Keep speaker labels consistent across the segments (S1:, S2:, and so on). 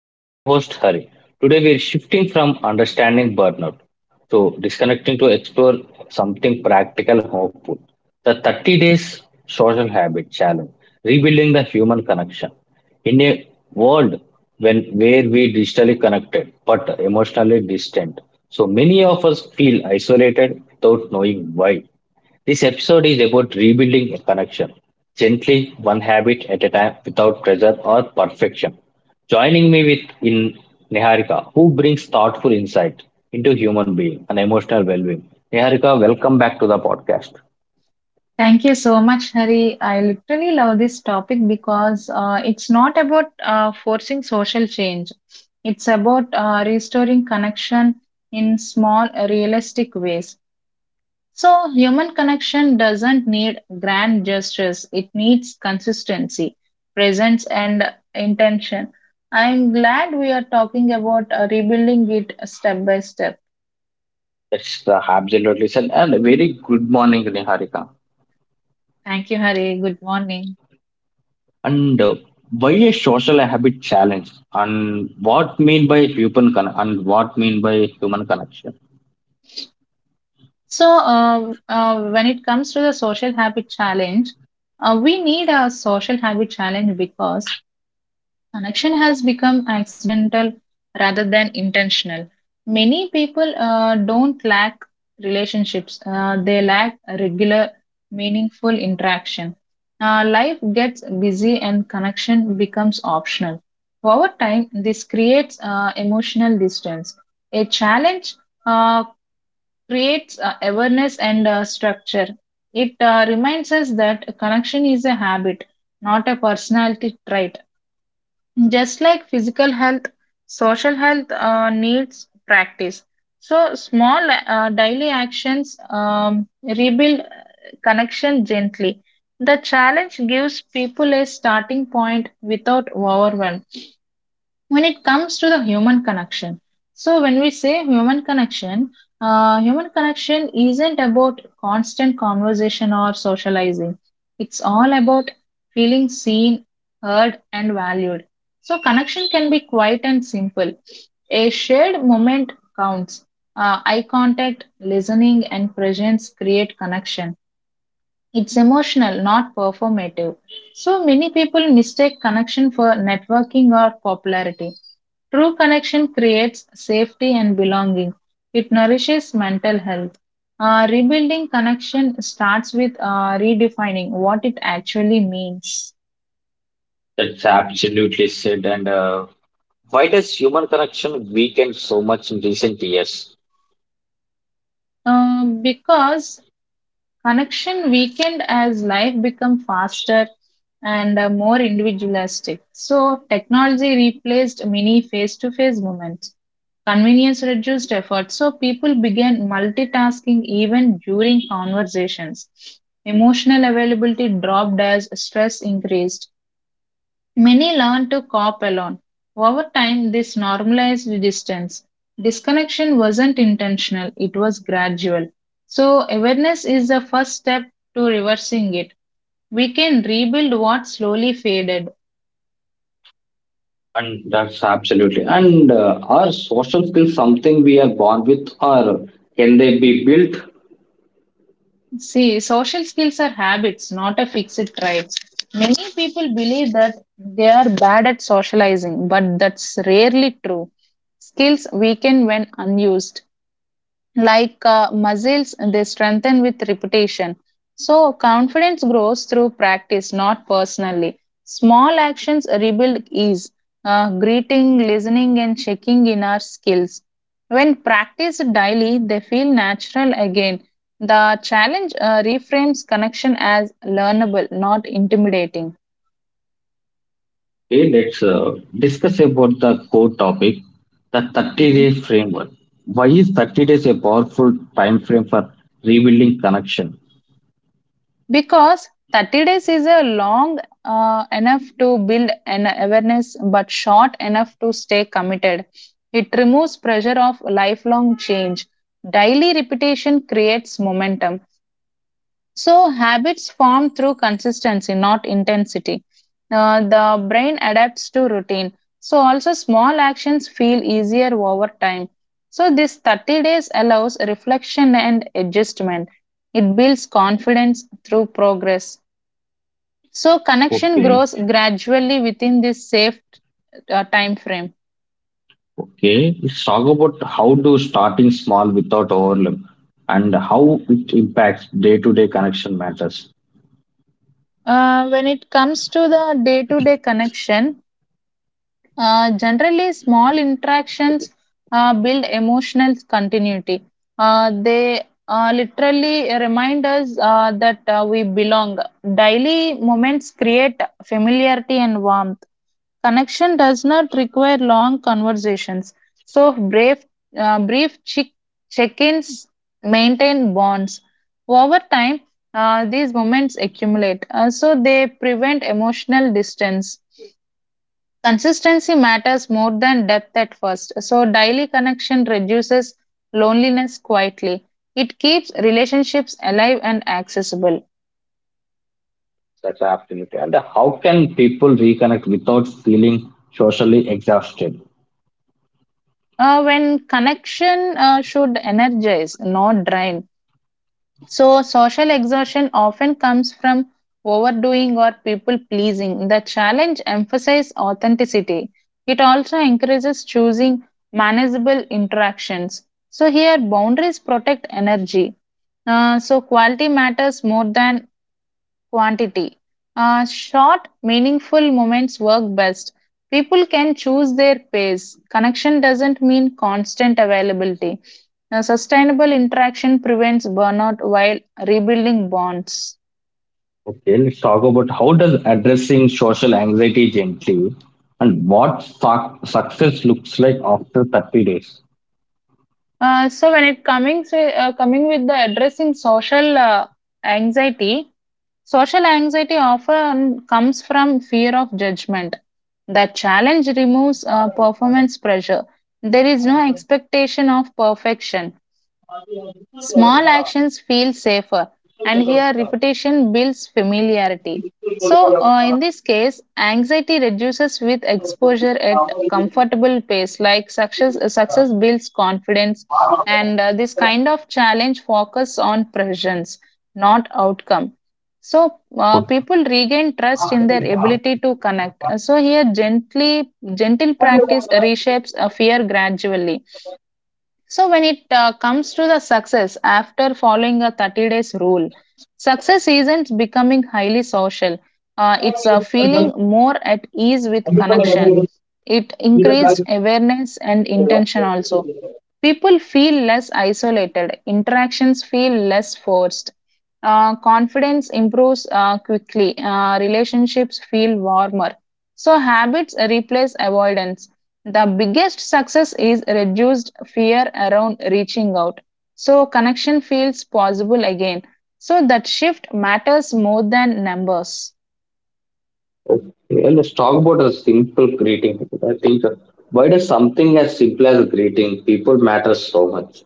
S1: I'm your host, Hari. Today, we're shifting from understanding burnout to disconnecting to explore something practical, hopeful. The 30 days social habit challenge, rebuilding the human connection. In a world when where we digitally connected but emotionally distant, so many of us feel isolated without knowing why. This episode is about rebuilding a connection, gently, one habit at a time, without pressure or perfection. Joining me with in Niharika, who brings thoughtful insight into human being and emotional well-being. Niharika, welcome back to the podcast.
S2: Thank you so much, Hari. I literally love this topic because it's not about forcing social change. It's about restoring connection in small, realistic ways. So, human connection doesn't need grand gestures, it needs consistency, presence, and intention. I'm glad we are talking about rebuilding it step by step.
S1: That's the absolutely said, and a very good morning, Niharika.
S2: Thank you, Hari. Good morning.
S1: And Why a social habit challenge, and what mean by human connection?
S2: When it comes to the social habit challenge, we need a social habit challenge because connection has become accidental rather than intentional. Many people don't lack relationships, they lack a regular, meaningful interaction. Life gets busy and connection becomes optional. Over time, this creates emotional distance. A challenge uh, creates awareness and structure. It reminds us that connection is a habit, not a personality trait. Just like physical health, social health needs practice. So, small daily actions rebuild connection gently. The challenge gives people a starting point without overwhelm. When it comes to the human connection, so when we say human connection, human connection isn't about constant conversation or socializing, it's all about feeling seen, heard, and valued. So connection can be quiet and simple, a shared moment counts. Eye contact, listening, and presence create connection. It's emotional, not performative. So many people mistake connection for networking or popularity. True connection creates safety and belonging. It nourishes mental health. Rebuilding connection starts with redefining what it actually means.
S1: That's absolutely said. And. Why does human connection weaken so much in recent years?
S2: Because connection weakened as life become faster and more individualistic. So technology replaced many face-to-face moments. Convenience reduced effort, so people began multitasking even during conversations. Emotional availability dropped as stress increased. Many learn to cope alone. Over time, this normalized distance. Disconnection wasn't intentional, it was gradual. So, awareness is the first step to reversing it. We can rebuild what slowly faded.
S1: And that's absolutely. And are social skills something we are born with, or can they be built?
S2: See, social skills are habits, not a fixed traits. Many people believe that they are bad at socializing, but that's rarely true. Skills weaken when unused. Like muscles, they strengthen with repetition. So, confidence grows through practice, not personally. Small actions rebuild ease, greeting, listening, and checking in our skills. When practiced daily, they feel natural again. The challenge reframes connection as learnable, not intimidating.
S1: Okay, let's discuss about the core topic, the 30-day framework. Why is 30 days a powerful time frame for rebuilding connection?
S2: Because 30 days is a long enough to build an awareness but short enough to stay committed. It removes pressure of lifelong change. Daily repetition creates momentum. So habits form through consistency, not intensity. The brain adapts to routine. So also small actions feel easier over time. So this 30 days allows reflection and adjustment. It builds confidence through progress. So connection
S1: Okay,
S2: grows gradually within this safe time frame.
S1: okay. Let's talk about how to starting small without overwhelm and how it impacts day to day connection matters.
S2: When it comes to the day-to-day connection, generally small interactions build emotional continuity. They literally remind us that we belong. Daily moments create familiarity and warmth. Connection does not require long conversations, so uh, brief chick- check-ins maintain bonds. Over time, these moments accumulate, so they prevent emotional distance. Consistency matters more than depth at first, so daily connection reduces loneliness quietly. It keeps relationships alive and accessible.
S1: That's absolutely. And how can people reconnect without feeling socially exhausted?
S2: When connection should energize, not drain. So, social exhaustion often comes from overdoing or people pleasing. The challenge emphasizes authenticity. It also encourages choosing manageable interactions. So, here boundaries protect energy. Quality matters more than quantity. Short, meaningful moments work best. People can choose their pace. Connection doesn't mean constant availability. Sustainable interaction prevents burnout while rebuilding bonds.
S1: Okay, let's talk about how does addressing social anxiety gently and what success looks like after 30 days.
S2: So when it coming say, Coming with the addressing social anxiety, social anxiety often comes from fear of judgment. The challenge removes performance pressure. There is no expectation of perfection. Small actions feel safer, and here repetition builds familiarity. In this case, anxiety reduces with exposure at comfortable pace, like success builds confidence, and this kind of challenge focus on presence, not outcome. People regain trust in their ability to connect. Gentle practice reshapes a fear gradually. So, when it comes to the success after following a 30 days rule, success isn't becoming highly social. It's feeling more at ease with connection. It increased awareness and intention also. People feel less isolated, interactions feel less forced. Confidence improves quickly, relationships feel warmer. So, habits replace avoidance. The biggest success is reduced fear around reaching out. So connection feels possible again. So that shift matters more than numbers.
S1: Okay, let's talk about a simple greeting. I think Why does something as simple as greeting people matter so much?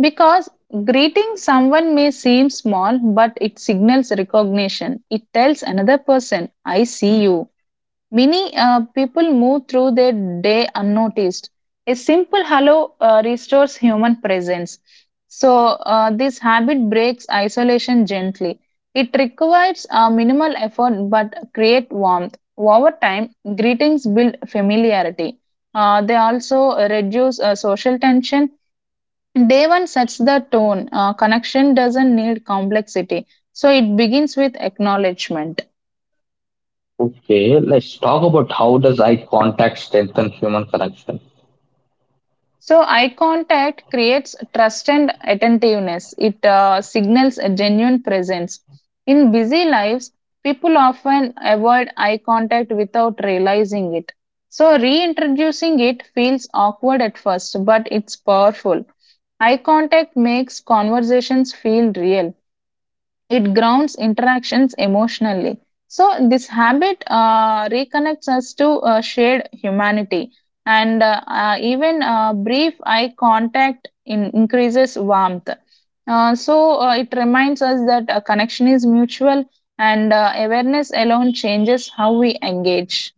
S2: Because greeting someone may seem small, but it signals recognition. It tells another person, I see you. Many people move through their day unnoticed. A simple hello restores human presence. So, this habit breaks isolation gently. It requires minimal effort but create warmth. Over time, greetings build familiarity. They also reduce social tension. Day one sets the tone. Connection doesn't need complexity. So, it begins with acknowledgement.
S1: Okay, let's talk about how does eye contact strengthen human connection.
S2: So, eye contact creates trust and attentiveness. It signals a genuine presence. In busy lives, people often avoid eye contact without realizing it. So, reintroducing it feels awkward at first, but it's powerful. Eye contact makes conversations feel real. It grounds interactions emotionally. So, this habit reconnects us to shared humanity, and even brief eye contact in increases warmth. It reminds us that a connection is mutual, and awareness alone changes how we engage.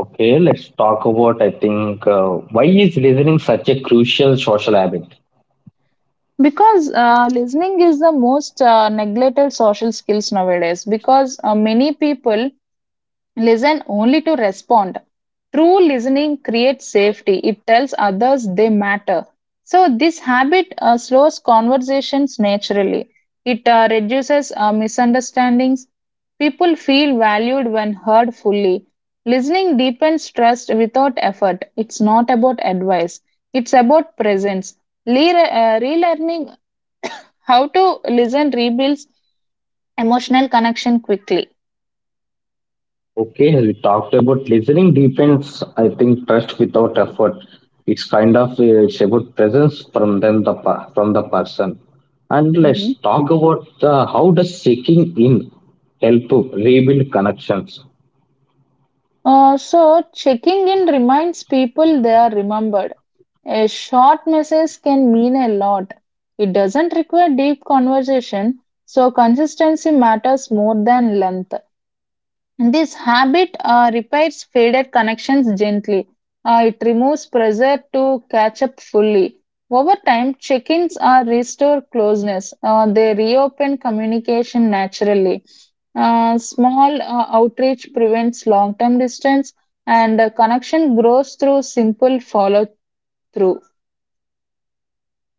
S1: Okay, let's talk about. I think Why is listening such a crucial social habit?
S2: Because listening is the most neglected social skills nowadays because many people listen only to respond. True listening creates safety, it tells others they matter. So, this habit slows conversations naturally, it reduces misunderstandings. People feel valued when heard fully. Listening deepens trust without effort. It's not about advice, it's about presence. Relearning how to listen rebuilds emotional connection quickly.
S1: Okay, we talked about listening depends, I think, trust without effort. It's kind of, it's about presence from them from the person. And
S2: Mhm.
S1: let's talk about how does checking in help to rebuild connections?
S2: Checking in reminds people they are remembered. A short message can mean a lot. It doesn't require deep conversation, so consistency matters more than length. This habit repairs faded connections gently. It removes pressure to catch up fully. Over time, check ins restore closeness, they reopen communication naturally. Small outreach prevents long term distance, and connection grows through simple follow through.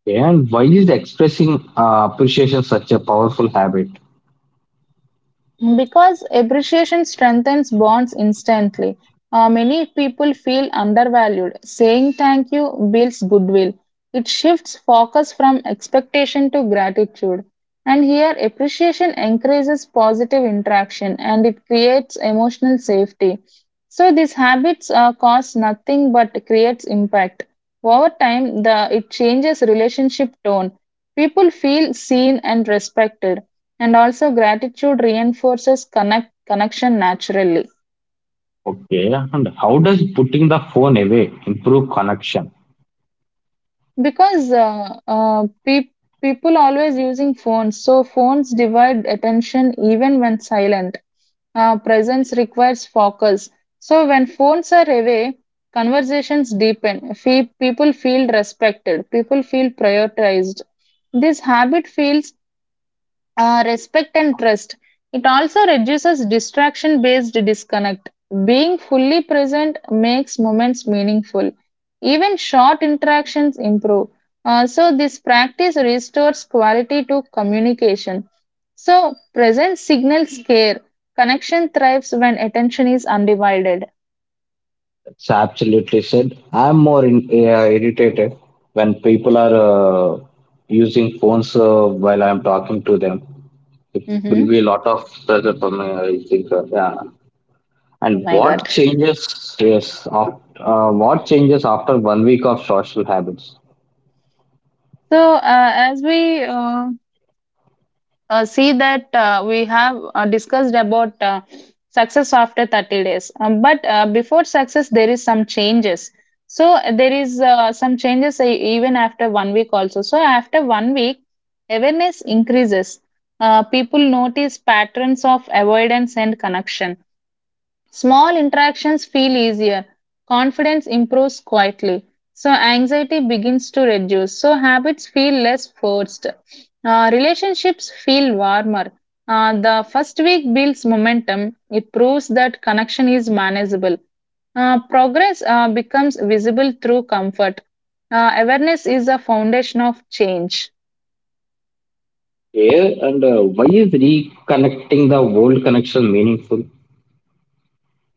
S1: Okay, and why is expressing appreciation such a powerful habit?
S2: Because appreciation strengthens bonds instantly. Many people feel undervalued. Saying thank you builds goodwill. It shifts focus from expectation to gratitude. And here, appreciation encourages positive interaction and it creates emotional safety. So, these habits cost nothing but creates impact. Over time, it changes relationship tone. People feel seen and respected, and also gratitude reinforces connection naturally.
S1: Okay, and how does putting the phone away improve connection?
S2: Because people always using phones, so phones divide attention even when silent. Presence requires focus, so when phones are away, conversations deepen. People feel respected, people feel prioritized. This habit feels respect and trust. It also reduces distraction based disconnect. Being fully present makes moments meaningful. Even short interactions improve. This practice restores quality to communication. So, presence signals care. Connection thrives when attention is undivided.
S1: It's absolutely said. I'm more in, irritated when people are using phones while I'm talking to them. It will
S2: Mhm.
S1: be a lot of pressure for me, I think. Yeah.
S2: Oh
S1: And
S2: my god.
S1: what changes? Yes, what changes after 1 week of social habits?
S2: As we see that we have discussed about success after 30 days. But before success there is some changes, so there is some changes even after one week also. So after one week awareness increases, people notice patterns of avoidance and connection. Small interactions feel easier. Confidence improves quietly. So anxiety begins to reduce. So habits feel less forced. Relationships feel warmer. The first week builds momentum. It proves that connection is manageable. Progress becomes visible through comfort. Awareness is the foundation of change.
S1: Yeah, and why is reconnecting the old connection meaningful?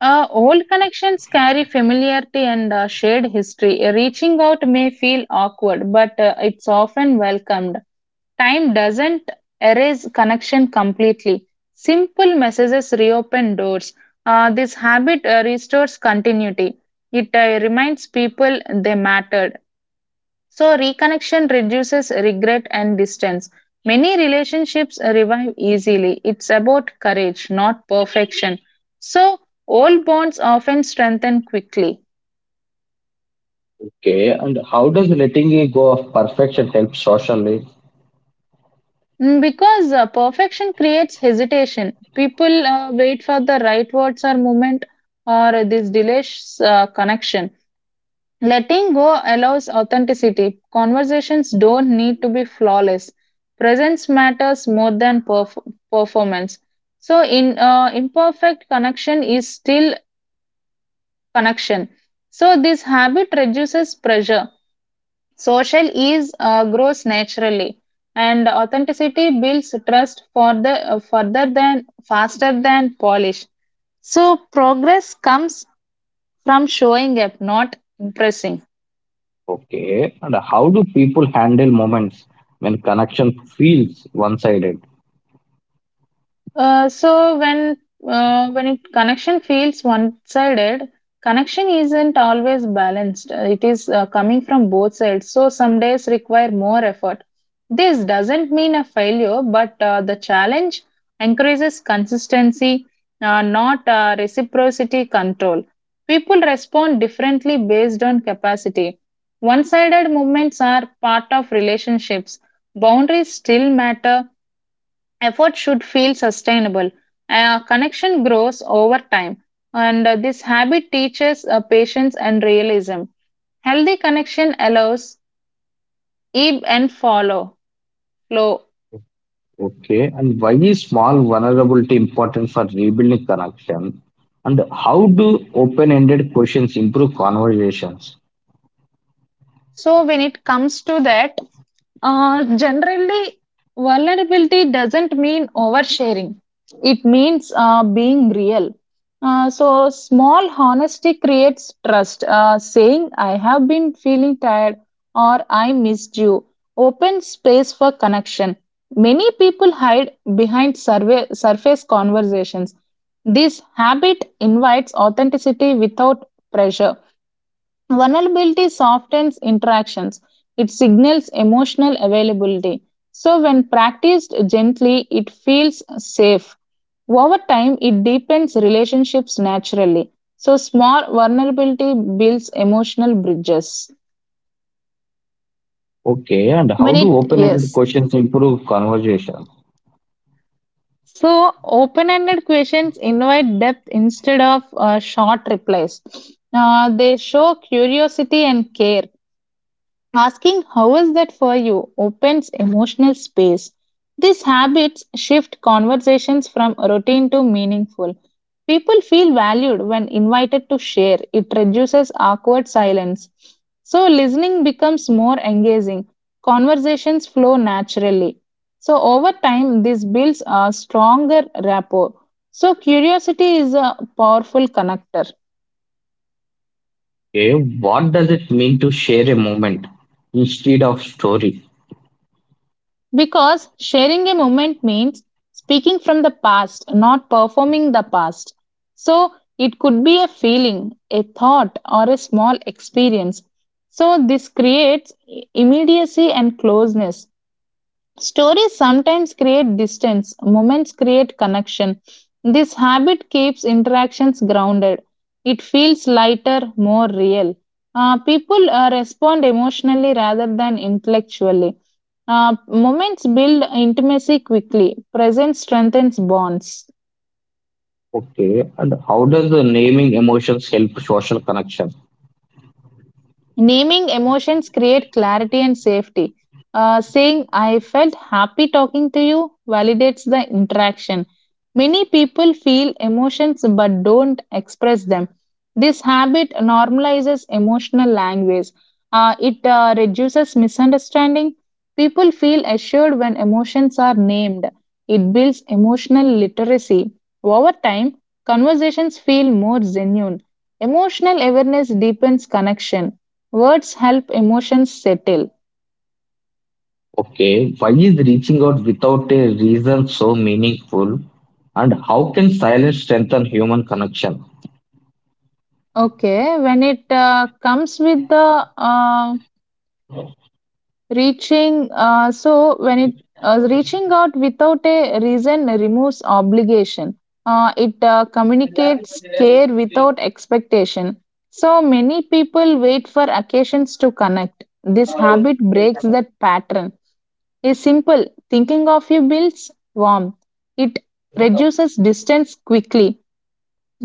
S2: Old connections carry familiarity and shared history. Reaching out may feel awkward, but it's often welcomed. Time doesn't erase connection completely. Simple messages reopen doors. This habit restores continuity. It reminds people they matter. So, reconnection reduces regret and distance. Many relationships revive easily. It's about courage, not perfection. So, old bonds often strengthen quickly.
S1: Okay, and how does letting it go of perfection help socially?
S2: Because perfection creates hesitation. People wait for the right words or moment, or this delays connection. Letting go allows authenticity. Conversations don't need to be flawless. Presence matters more than performance. So, in imperfect connection is still connection. So, this habit reduces pressure. Social ease grows naturally, and authenticity builds trust for the further than faster than polish. So, progress comes from showing up, not impressing.
S1: Okay. And how do people handle moments when connection feels one-sided?
S2: So when it connection feels one-sided, connection isn't always balanced. It is coming from both sides. So some days require more effort. This doesn't mean a failure, but the challenge encourages consistency, not reciprocity control. People respond differently based on capacity. One-sided movements are part of relationships. Boundaries still matter, effort should feel sustainable. A connection grows over time, and this habit teaches patience and realism. Healthy connection allows ebb and follow flow.
S1: Okay. And why is small vulnerability important for rebuilding connection? And how do open-ended questions improve conversations?
S2: So when it comes to that, generally vulnerability doesn't mean oversharing. It means being real. So small honesty creates trust. Saying I have been feeling tired or I missed you open space for connection. Many people hide behind survey, surface conversations. This habit invites authenticity without pressure. Vulnerability softens interactions, it signals emotional availability. So, when practiced gently, it feels safe. Over time, it deepens relationships naturally. So, small vulnerability builds emotional bridges.
S1: Okay. And how do open-ended
S2: Yes.
S1: questions improve conversations?
S2: So, open ended questions invite depth instead of short replies. They show curiosity and care. Asking how is that for you opens emotional space. These habits shift conversations from routine to meaningful. People feel valued when invited to share. It reduces awkward silence. So, listening becomes more engaging. Conversations flow naturally. So, over time, this builds a stronger rapport. So, curiosity is a powerful connector.
S1: Okay. What does it mean to share a moment instead of story?
S2: Because sharing a moment means speaking from the past, not performing the past. So it could be a feeling, a thought, or a small experience. So this creates immediacy and closeness. Stories sometimes create distance, moments create connection. This habit keeps interactions grounded. It feels lighter, more real. People respond emotionally rather than intellectually. Moments build intimacy quickly, presence strengthens bonds.
S1: Okay. And how does the naming emotions help social connection?
S2: Naming emotions create clarity and safety. Saying, I felt happy talking to you validates the interaction. Many people feel emotions but don't express them. This habit normalizes emotional language. It reduces misunderstanding. People feel assured when emotions are named. It builds emotional literacy. Over time, conversations feel more genuine. Emotional awareness deepens connection. Words help emotions settle.
S1: Okay, why is reaching out without a reason so meaningful? And how can silence strengthen human connection?
S2: Okay, when it comes with the reaching, so when it reaching out without a reason removes obligation. It communicates care without expectation. So many people wait for occasions to connect. This habit breaks that pattern. A simple thinking of you builds warmth. It reduces distance quickly.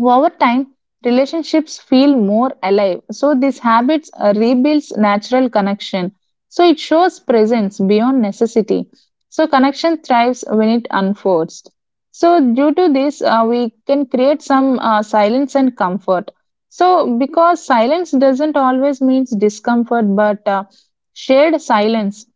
S2: Over time, relationships feel more alive. So these habits rebuilds natural connection. So it shows presence beyond necessity. So connection thrives when it unfolds. So due to this, we can create some silence and comfort. So because silence doesn't always means discomfort, but shared silence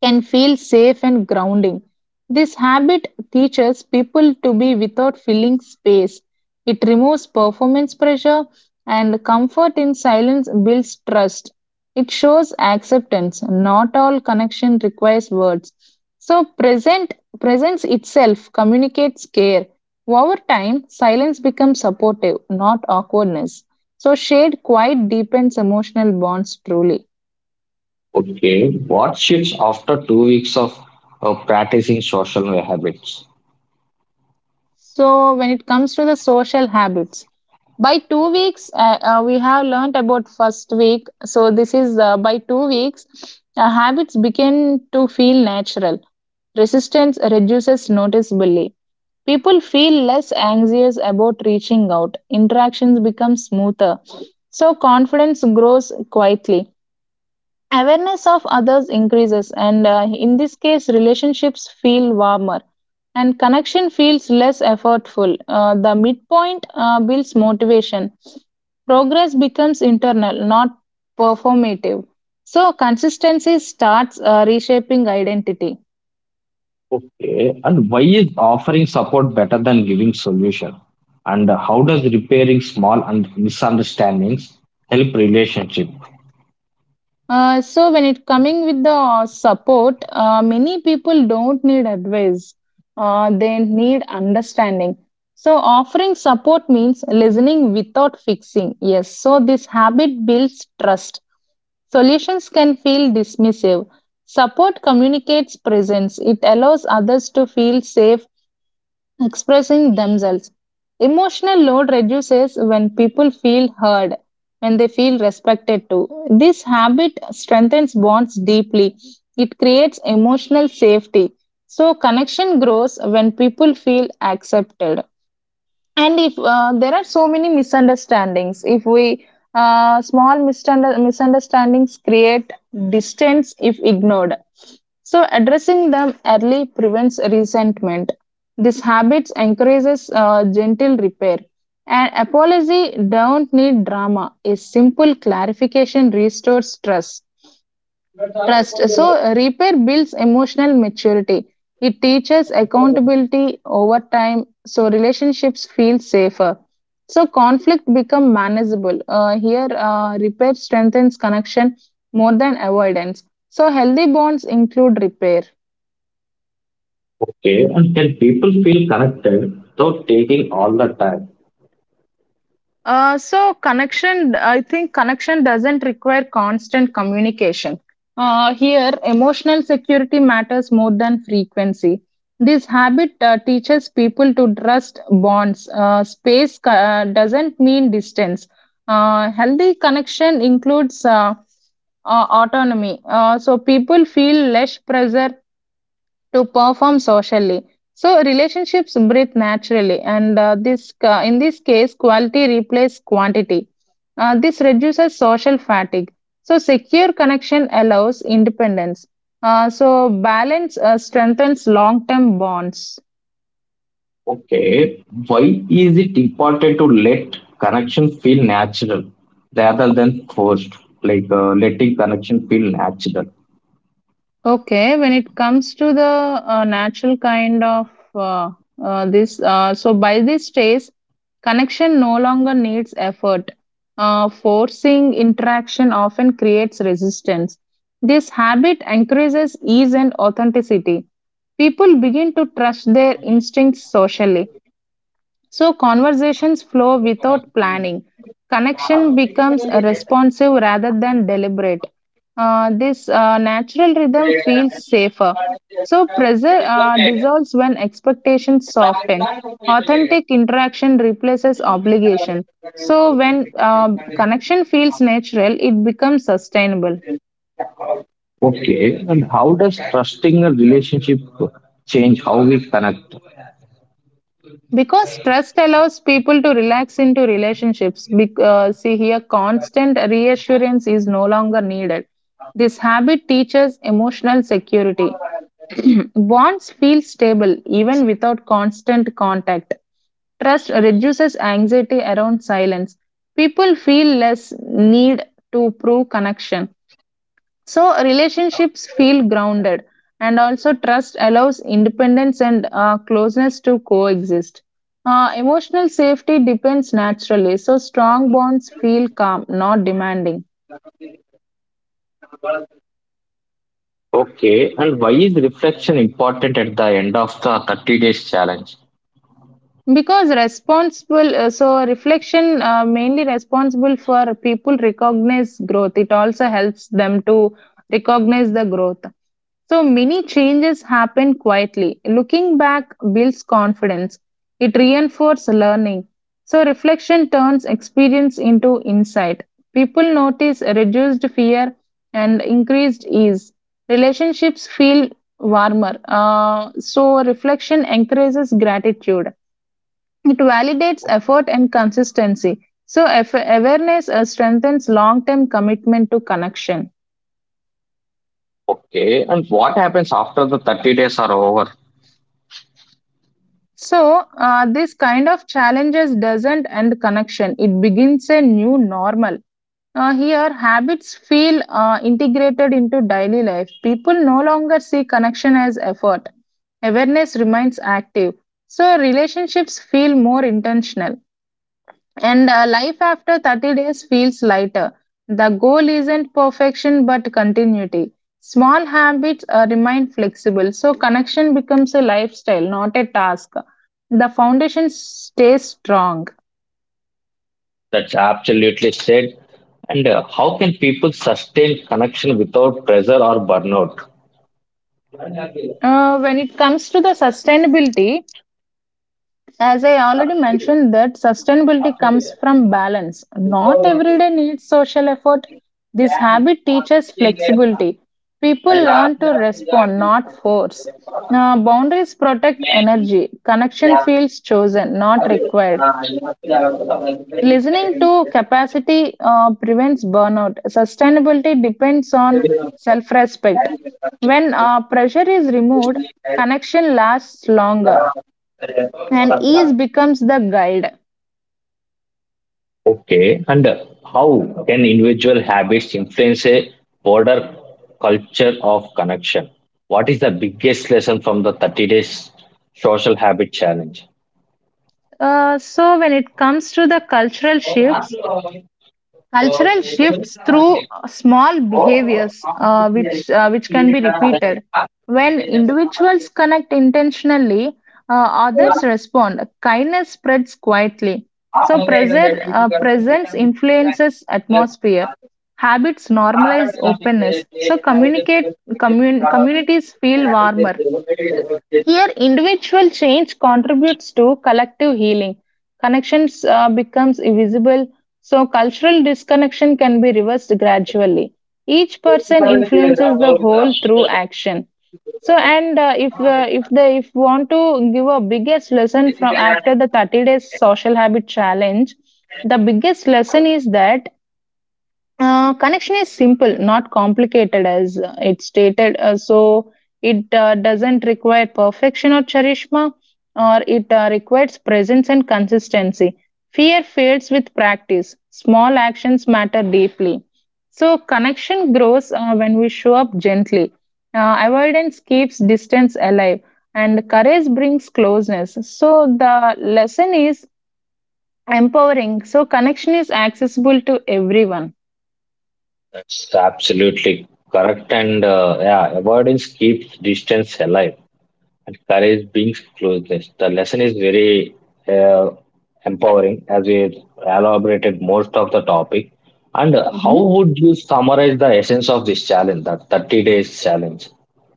S2: can feel safe and grounding. This habit teaches people to be without filling space. It removes performance pressure and comfort in silence builds trust. It shows acceptance. Not all connection requires words. So present presence itself communicates care. Over time, silence becomes supportive, not awkwardness. So shade quite deepens emotional bonds truly.
S1: Okay, what shifts after 2 weeks of practicing social habits?
S2: So when it comes to the social habits, by 2 weeks we have learned about first week so this is by 2 weeks habits begin to feel natural, resistance reduces noticeably, people feel less anxious about reaching out, interactions become smoother, so confidence grows quietly. Awareness of others increases, and in this case, relationships feel warmer and connection feels less effortful. The midpoint builds motivation. Progress becomes internal, not performative. So, consistency starts reshaping identity.
S1: Okay, and why is offering support better than giving solution? And how does repairing small and misunderstandings help relationship?
S2: So when it coming with the support, many people don't need advice. They need understanding. So offering support means listening without fixing. Yes. So this habit builds trust. Solutions can feel dismissive. Support communicates presence. It allows others to feel safe expressing themselves. Emotional load reduces when people feel heard, when they feel respected too. This habit strengthens bonds deeply. It creates emotional safety. So, connection grows when people feel accepted, and if there are so many misunderstandings, if we misunderstandings create distance if ignored, so addressing them early prevents resentment. This habit encourages gentle repair, and apology don't need drama, a simple clarification restores trust. So, repair builds emotional maturity. It teaches accountability over time, so relationships feel safer. So, conflict become manageable. Here, repair strengthens connection more than avoidance. So, healthy bonds include repair.
S1: Okay, and can people feel connected without taking all the time?
S2: So connection, I think connection doesn't require constant communication. Here, emotional security matters more than frequency. This habit teaches people to trust bonds. Space doesn't mean distance. Healthy connection includes autonomy. So people feel less pressure to perform socially. So relationships breathe naturally, and in this case, quality replaces quantity. This reduces social fatigue. So secure connection allows independence. So balance strengthens long-term bonds.
S1: Okay, why is it important to let connection feel natural rather than forced? Letting connection feel natural.
S2: Okay, when it comes to the natural kind of uh, this, so by this stage, connection no longer needs effort. Forcing interaction often creates resistance. This habit encourages ease and authenticity. People begin to trust their instincts socially. So conversations flow without planning. Connection becomes responsive rather than deliberate. This natural rhythm feels safer. So pressure dissolves when expectations soften. Authentic interaction replaces obligation. So when connection feels natural, it becomes sustainable.
S1: Okay, and how does trusting a relationship change how we connect?
S2: Because trust allows people to relax into relationships. See here, constant reassurance is no longer needed. This habit teaches emotional security. Bonds feel stable even without constant contact. Trust reduces anxiety around silence. People feel less need to prove connection. So relationships feel grounded, and also trust allows independence and closeness to coexist. Emotional safety depends naturally, so strong bonds feel calm, not demanding.
S1: Okay, and why is reflection important at the end of the 30 days challenge?
S2: So reflection mainly responsible for people recognize growth. It also helps them to recognize the growth. So many changes happen quietly. Looking back builds confidence. It reinforces learning. So reflection turns experience into insight. People notice reduced fear and increased ease. Relationships feel warmer. So reflection encourages gratitude. It validates effort and consistency. So awareness strengthens long-term commitment to connection.
S1: Okay, and what happens after the 30 days are over?
S2: So, this kind of challenges doesn't end connection. It begins a new normal. Here, habits feel integrated into daily life. People no longer see connection as effort. Awareness remains active. So, relationships feel more intentional. And life after 30 days feels lighter. The goal isn't perfection but continuity. Small habits remain flexible, so connection becomes a lifestyle, not a task. The foundation stays strong.
S1: That's absolutely said. And how can people sustain connection without pressure or burnout?
S2: When it comes to the sustainability, as I already mentioned, that sustainability comes from balance. Not every day needs social effort. This habit teaches flexibility. People learn to respond, not force. Boundaries protect energy. Connection feels chosen, not required. Listening to capacity prevents burnout. Sustainability depends on self respect. When pressure is removed, connection lasts longer and ease becomes the guide.
S1: Okay. And how can individual habits influence a broader culture of connection? What is the biggest lesson from the 30 days social habit challenge?
S2: So when it comes to the cultural shifts through small behaviors, which can be repeated. When individuals connect intentionally, others respond. Kindness spreads quietly. So presence influences atmosphere. Habits normalize openness. So communities feel warmer, here, individual change contributes to collective healing. Connections becomes invisible, so cultural disconnection can be reversed gradually. Each person influences the whole through action. So, and if want to give a biggest lesson from after the 30 days social habit challenge, the biggest lesson is that connection is simple, not complicated as it stated. So it doesn't require perfection or charisma, or it requires presence and consistency. Fear fades with practice. Small actions matter deeply. So connection grows when we show up gently. Avoidance keeps distance alive, and courage brings closeness. So the lesson is empowering. So connection is accessible to everyone.
S1: That's absolutely correct. And yeah, avoidance keeps distance alive, and courage brings closeness. The lesson is very uh, empowering, as we elaborated most of the topic. And how
S2: Mhm.
S1: would you summarize the essence of this challenge, that 30 days challenge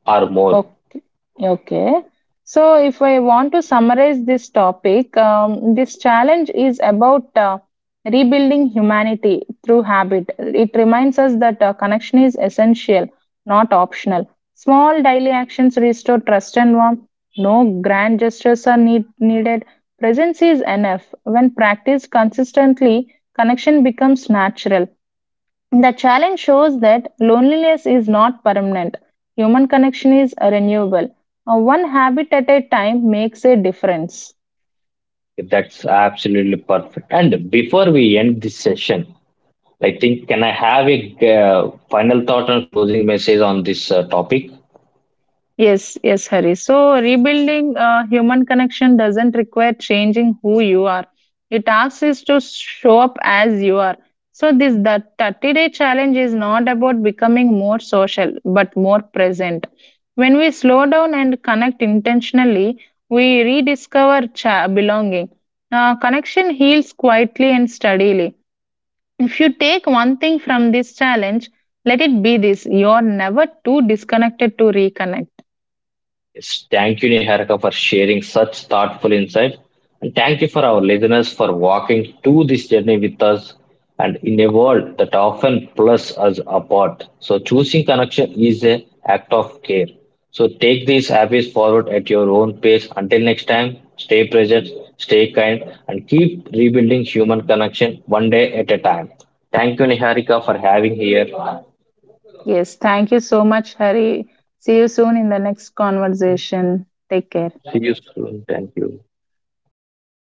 S1: or more?
S2: Okay. Okay. So, if I want to summarize this topic, this challenge is about rebuilding humanity through habit. It reminds us that connection is essential, not optional. Small daily actions restore trust and warmth. No grand gestures are needed. Presence is enough. When practiced consistently, connection becomes natural. The challenge shows that loneliness is not permanent. Human connection is renewable. One habit at a time makes a difference.
S1: That's absolutely perfect. And before we end this session, I think, can I have a final thought and closing message on this topic?
S2: Yes, yes, Hari. So, rebuilding human connection doesn't require changing who you are. It asks is to show up as you are. So, this the 30-day challenge is not about becoming more social but more present. When we slow down and connect intentionally, we rediscover belonging. Connection heals quietly and steadily. If you take one thing from this challenge, let it be this you are never too disconnected to reconnect.
S1: Yes, thank you, Niharika, for sharing such thoughtful insights. And thank you for our listeners for walking through this journey with us, and in a world that often plus us apart. So choosing connection is a act of care. So take these habits forward at your own pace. Until next time, stay present, stay kind, and keep rebuilding human connection one day at a time. Thank you, Niharika, for having here.
S2: Yes, thank you so much, Hari. See you soon in the next conversation. Take care.
S1: See you soon. Thank you.